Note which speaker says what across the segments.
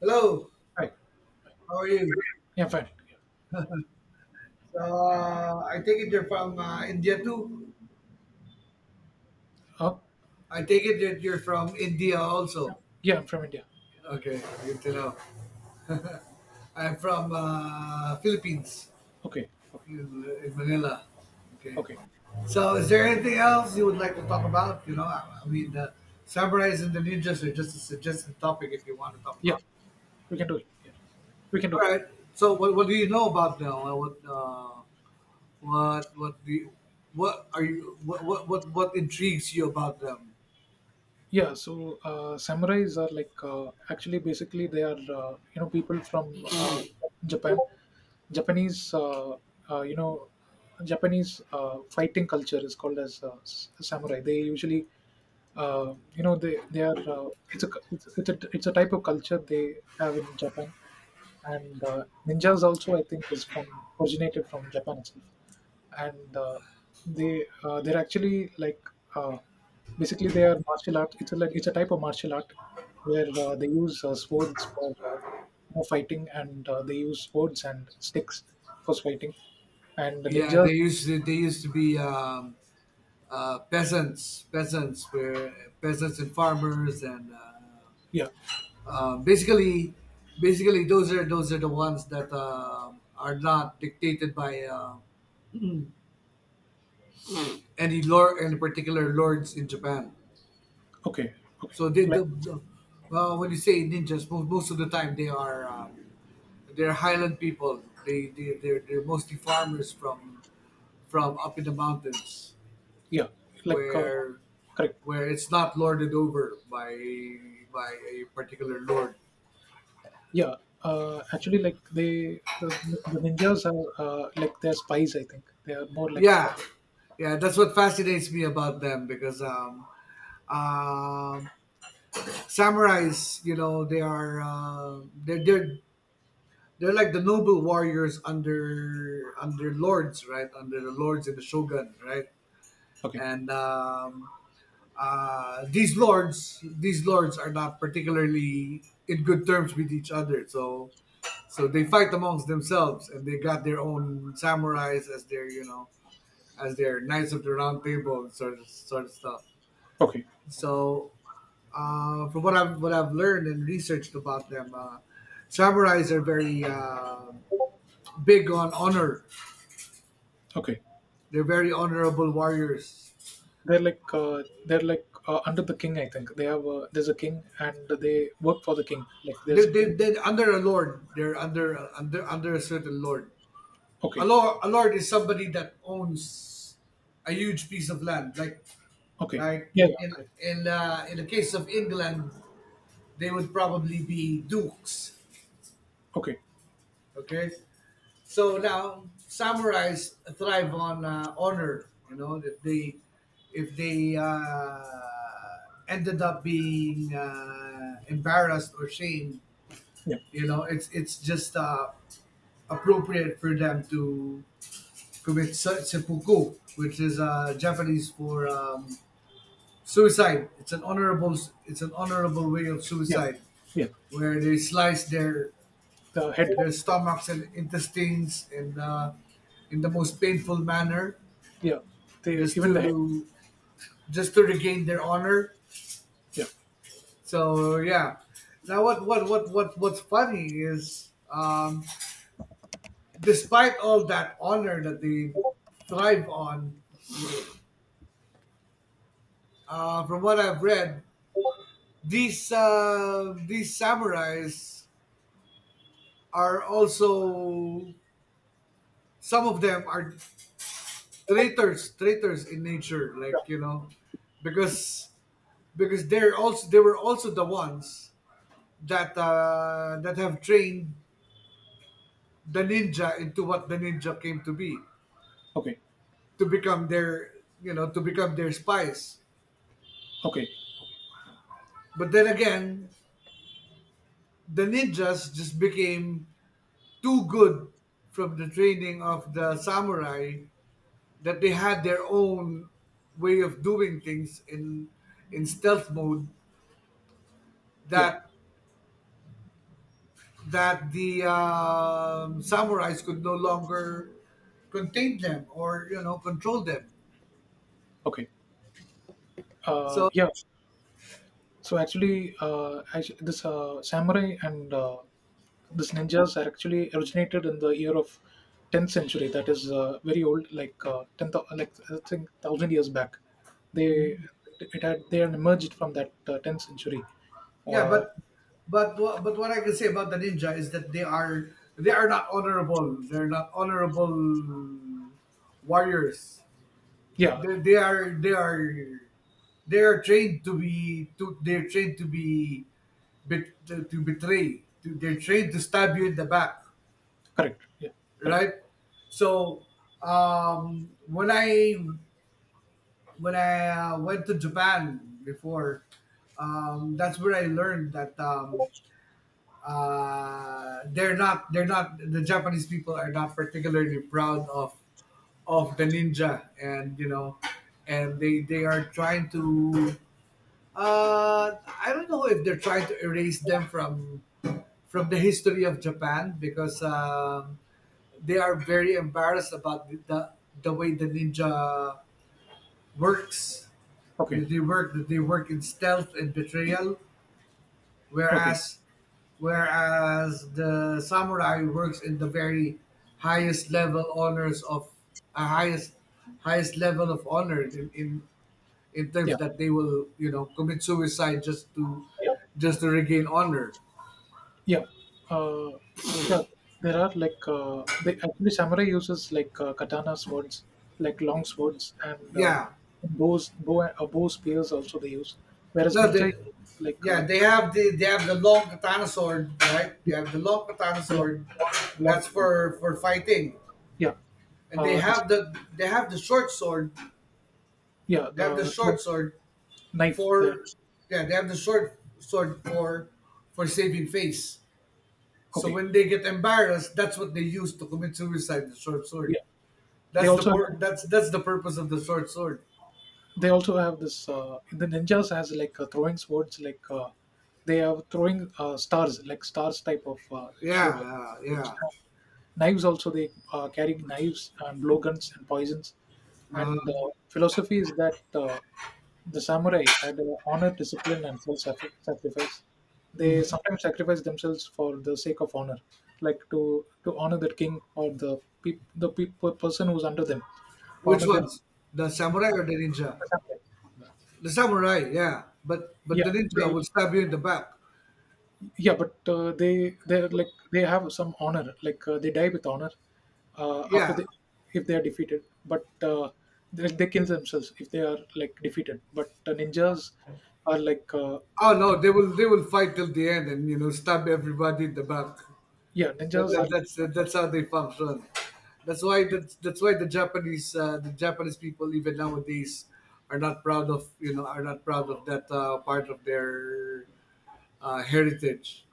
Speaker 1: Hello,
Speaker 2: Hi.
Speaker 1: how are you?
Speaker 2: Yeah, Fine.
Speaker 1: So, I take it you're from India too.
Speaker 2: Uh,
Speaker 1: I take it that you're from India also.
Speaker 2: yeah, I'm from India.
Speaker 1: Okay, good to know. I'm from Philippines,
Speaker 2: Okay, okay,
Speaker 1: in Manila. Okay.
Speaker 2: okay.
Speaker 1: So, is there anything else you would like to talk about? The samurais and the ninjas are just a suggested topic if you want to talk
Speaker 2: Yeah,
Speaker 1: about.
Speaker 2: we can do it. Yeah, we can
Speaker 1: All
Speaker 2: do that.
Speaker 1: right. So, what do you know about now? What do you, what are you what intrigues you about them?
Speaker 2: Samurais are like actually basically they are you know people from Japan. Japanese you know Japanese fighting culture is called as samurai. They usually you know they are it's it's a type of culture they have in Japan. And ninjas also I think is from originated from Japan itself. And they're actually like uh, basically they are martial art. It's like it's a type of martial art where they use swords for you know, fighting. And they use swords and sticks for fighting and the
Speaker 1: Yeah,
Speaker 2: ninjas.
Speaker 1: they used to be peasants, peasants where peasants and farmers and
Speaker 2: Yeah.
Speaker 1: uh, basically basically those are the ones that are not dictated by any lord any particular lords in Japan.
Speaker 2: Okay, okay.
Speaker 1: So they
Speaker 2: Like,
Speaker 1: when you say ninjas, most of the time they are. They're highland people. They're mostly farmers from up in the mountains
Speaker 2: yeah. like uh,
Speaker 1: where
Speaker 2: Correct.
Speaker 1: where it's not lorded over by a particular lord.
Speaker 2: Yeah. Actually, the ninjas are like they're spies. I think they are more like spies.
Speaker 1: Yeah, yeah, that's what fascinates me about them because um, samurais, you know, they are they're like the noble warriors under under lords, right? Under the lords and the shogun, right?
Speaker 2: Okay,
Speaker 1: And these lords are not particularly in good terms with each other so so they fight amongst themselves and they got their own samurais as their you know as their knights of the round table and sort of stuff
Speaker 2: okay,
Speaker 1: so from what I've learned and researched about them samurais are very big on honor.
Speaker 2: okay.
Speaker 1: They're very honorable warriors.
Speaker 2: They're like under the king, I think. They have there's a king and they work for the king. Like there's a king.
Speaker 1: They're under a lord they're under a certain lord. A
Speaker 2: Okay,
Speaker 1: lord is somebody that owns a huge piece of land
Speaker 2: okay,
Speaker 1: like
Speaker 2: yeah, yeah,
Speaker 1: in
Speaker 2: correct.
Speaker 1: in the case of England they would probably be dukes.
Speaker 2: Okay,
Speaker 1: Okay, so now samurais thrive on honor, you know, if they if they uh, ended up being embarrassed or shamed,
Speaker 2: yeah,
Speaker 1: you know, it's just appropriate for them to commit seppuku, which is Japanese for suicide. It's an honorable way of
Speaker 2: yeah,
Speaker 1: suicide,
Speaker 2: yeah.
Speaker 1: where they slice
Speaker 2: The head.
Speaker 1: their
Speaker 2: Like,
Speaker 1: stomachs and intestines in the most painful manner,
Speaker 2: yeah. They
Speaker 1: just
Speaker 2: even the head.
Speaker 1: to regain their honor.
Speaker 2: Yeah.
Speaker 1: So yeah. Now what's funny is, despite all that honor that they thrive on, from what I've read, these these samurais are also some of them are traitors, in nature, like, you know, because they're also they were also the ones that that have trained the ninja into what the ninja came to be,
Speaker 2: Okay,
Speaker 1: to become their, you know, to become their spies.
Speaker 2: okay,
Speaker 1: But then again, the ninjas just became too good from the training of the samurai that they had their own way of doing things in stealth mode,
Speaker 2: yeah,
Speaker 1: that that the samurais could no longer contain them, or, you know, control them.
Speaker 2: okay.
Speaker 1: So
Speaker 2: Yeah. So actually, this samurai and this ninjas are actually originated in the year of 10th century. That is very old, like 10, like I think thousand years back. They they had emerged from that 10th century.
Speaker 1: yeah,
Speaker 2: Uh,
Speaker 1: but but what I can say about the ninja is that they are not honorable, they're not honorable warriors.
Speaker 2: yeah,
Speaker 1: they, they are they are they are trained to be to they're trained to be to betray to, they're trained to stab you in the back,
Speaker 2: correct. Yeah, correct.
Speaker 1: right? So when I went to Japan before, that's where I learned that they're not they're not, the Japanese people are not particularly proud of the ninja, and you know, and they are trying to, I don't know if they're trying to erase them from the history of Japan because they are very embarrassed about the way the ninja works.
Speaker 2: Okay,
Speaker 1: They work in stealth and betrayal,
Speaker 2: okay.
Speaker 1: whereas the samurai works in the very highest level honors of a highest level of honor in terms
Speaker 2: Yeah.
Speaker 1: that they will, you know, commit suicide
Speaker 2: Yeah.
Speaker 1: just to regain honor.
Speaker 2: Yeah, uh, yeah. There are like they actually samurai uses like katana swords, like long swords, and
Speaker 1: Yeah,
Speaker 2: bow spears also they use. Whereas
Speaker 1: no,
Speaker 2: ninja
Speaker 1: the,
Speaker 2: is like uh,
Speaker 1: yeah, they
Speaker 2: the,
Speaker 1: have the long katana sword, right? They
Speaker 2: yeah,
Speaker 1: have the long katana
Speaker 2: the
Speaker 1: sword.
Speaker 2: long
Speaker 1: That's
Speaker 2: sword.
Speaker 1: for fighting,
Speaker 2: Yeah,
Speaker 1: and they
Speaker 2: it's
Speaker 1: have the short sword.
Speaker 2: yeah,
Speaker 1: They have the
Speaker 2: the sword,
Speaker 1: short sword
Speaker 2: knife there.
Speaker 1: for yeah. They have the short sword for saving face. So
Speaker 2: Okay,
Speaker 1: when they get embarrassed, that's what they use to commit suicide. The short
Speaker 2: yeah.
Speaker 1: sword.
Speaker 2: They
Speaker 1: That's
Speaker 2: also have
Speaker 1: that's the purpose of the short sword.
Speaker 2: They also have this the ninjas has like throwing swords, like they are throwing stars, like stars type of shape.
Speaker 1: Yeah, yeah,
Speaker 2: Swords.
Speaker 1: yeah.
Speaker 2: And knives also they carry. Knives and blowguns and poisons. And
Speaker 1: Uh,
Speaker 2: philosophy is that the samurai had honor, discipline, and self sacrifice. They sometimes sacrifice themselves for the sake of honor, like to honor the king or the person who's under them, to
Speaker 1: which
Speaker 2: honor them.
Speaker 1: ones? The samurai or the ninja? The samurai, yeah. But
Speaker 2: Yeah,
Speaker 1: the ninja
Speaker 2: they
Speaker 1: will stab you in the back.
Speaker 2: yeah, but they're like they have some honor, like they die with honor after
Speaker 1: Yeah.
Speaker 2: they if they are defeated. But they kill themselves if they are like defeated. But ninjas are like
Speaker 1: Oh no, they will fight till the end, and you know, stab everybody in the back.
Speaker 2: yeah, ninjas are like
Speaker 1: That's how they function. That's why
Speaker 2: uh,
Speaker 1: that's why the Japanese people even nowadays are not proud of, you know, are not proud of that part of their heritage.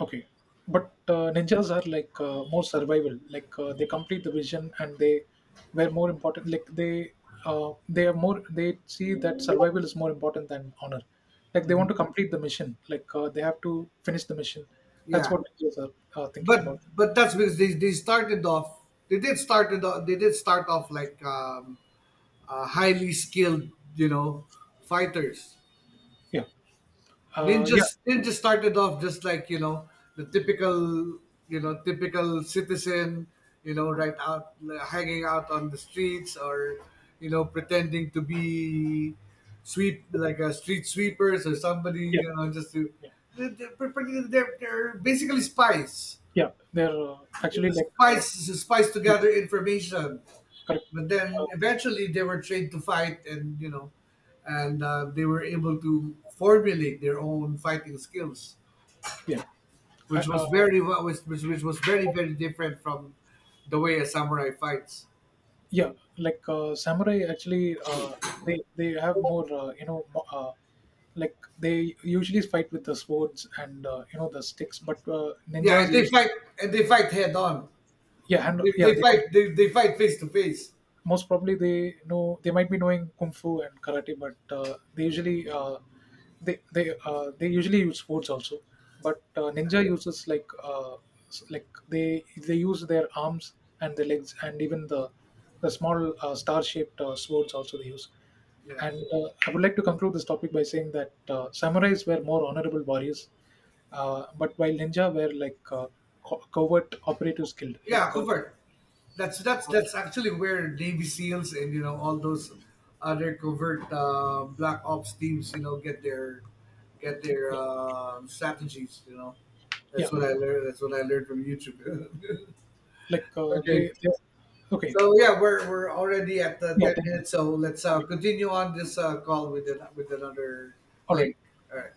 Speaker 2: okay, but ninjas are like more survival. Like they complete the vision, and they were more important. They are more. They see that survival is more important than honor. Like they want to complete the mission. Like they have to finish the mission. That's
Speaker 1: Yeah.
Speaker 2: what ninjas are thinking about.
Speaker 1: But that's because they started off they did started off they did start off like highly skilled, you know, fighters.
Speaker 2: Yeah, uh, yeah,
Speaker 1: Ninjas started off just like, you know, the typical, you know, typical citizen, you know, right out hanging out on the streets, or you know, pretending to be sweep like a street sweepers or somebody,
Speaker 2: yeah,
Speaker 1: you know, just to
Speaker 2: yeah.
Speaker 1: they're, they're, they're basically spies
Speaker 2: yeah. They're actually
Speaker 1: to
Speaker 2: like
Speaker 1: spice together information.
Speaker 2: correct.
Speaker 1: But then
Speaker 2: Uh,
Speaker 1: eventually they were trained to fight, and you know, and they were able to formulate their own fighting skills,
Speaker 2: yeah, I,
Speaker 1: which was
Speaker 2: uh,
Speaker 1: very wa- which was very very different from the way a samurai fights.
Speaker 2: yeah. Like samurai actually. They have more you know like they usually fight with the swords, and you know the sticks. But
Speaker 1: Yeah,
Speaker 2: ninjas
Speaker 1: and they
Speaker 2: use,
Speaker 1: fight head on.
Speaker 2: yeah, and yeah they also
Speaker 1: They fight face to face.
Speaker 2: most probably they know. They might be knowing kung fu and karate, but they usually they usually use swords also. But ninja uses like like they use their arms and their legs, and even the small star shaped swords also they use.
Speaker 1: Yeah.
Speaker 2: And I would like to conclude this topic by saying that samurais were more honorable warriors, but while ninja were like covert operatives killed.
Speaker 1: Yeah,
Speaker 2: Like,
Speaker 1: covert. That's actually where Navy SEALs and you know all those other covert black ops teams, you know, get their
Speaker 2: yeah,
Speaker 1: strategies. You know, that's
Speaker 2: yeah.
Speaker 1: what I learned. That's what I learned from YouTube.
Speaker 2: Like uh,
Speaker 1: Okay,
Speaker 2: they, they, okay,
Speaker 1: so yeah, we're already at the
Speaker 2: yeah,
Speaker 1: ten
Speaker 2: 10 minutes.
Speaker 1: minutes, so let's continue on this call with with another
Speaker 2: All right.
Speaker 1: link. All right.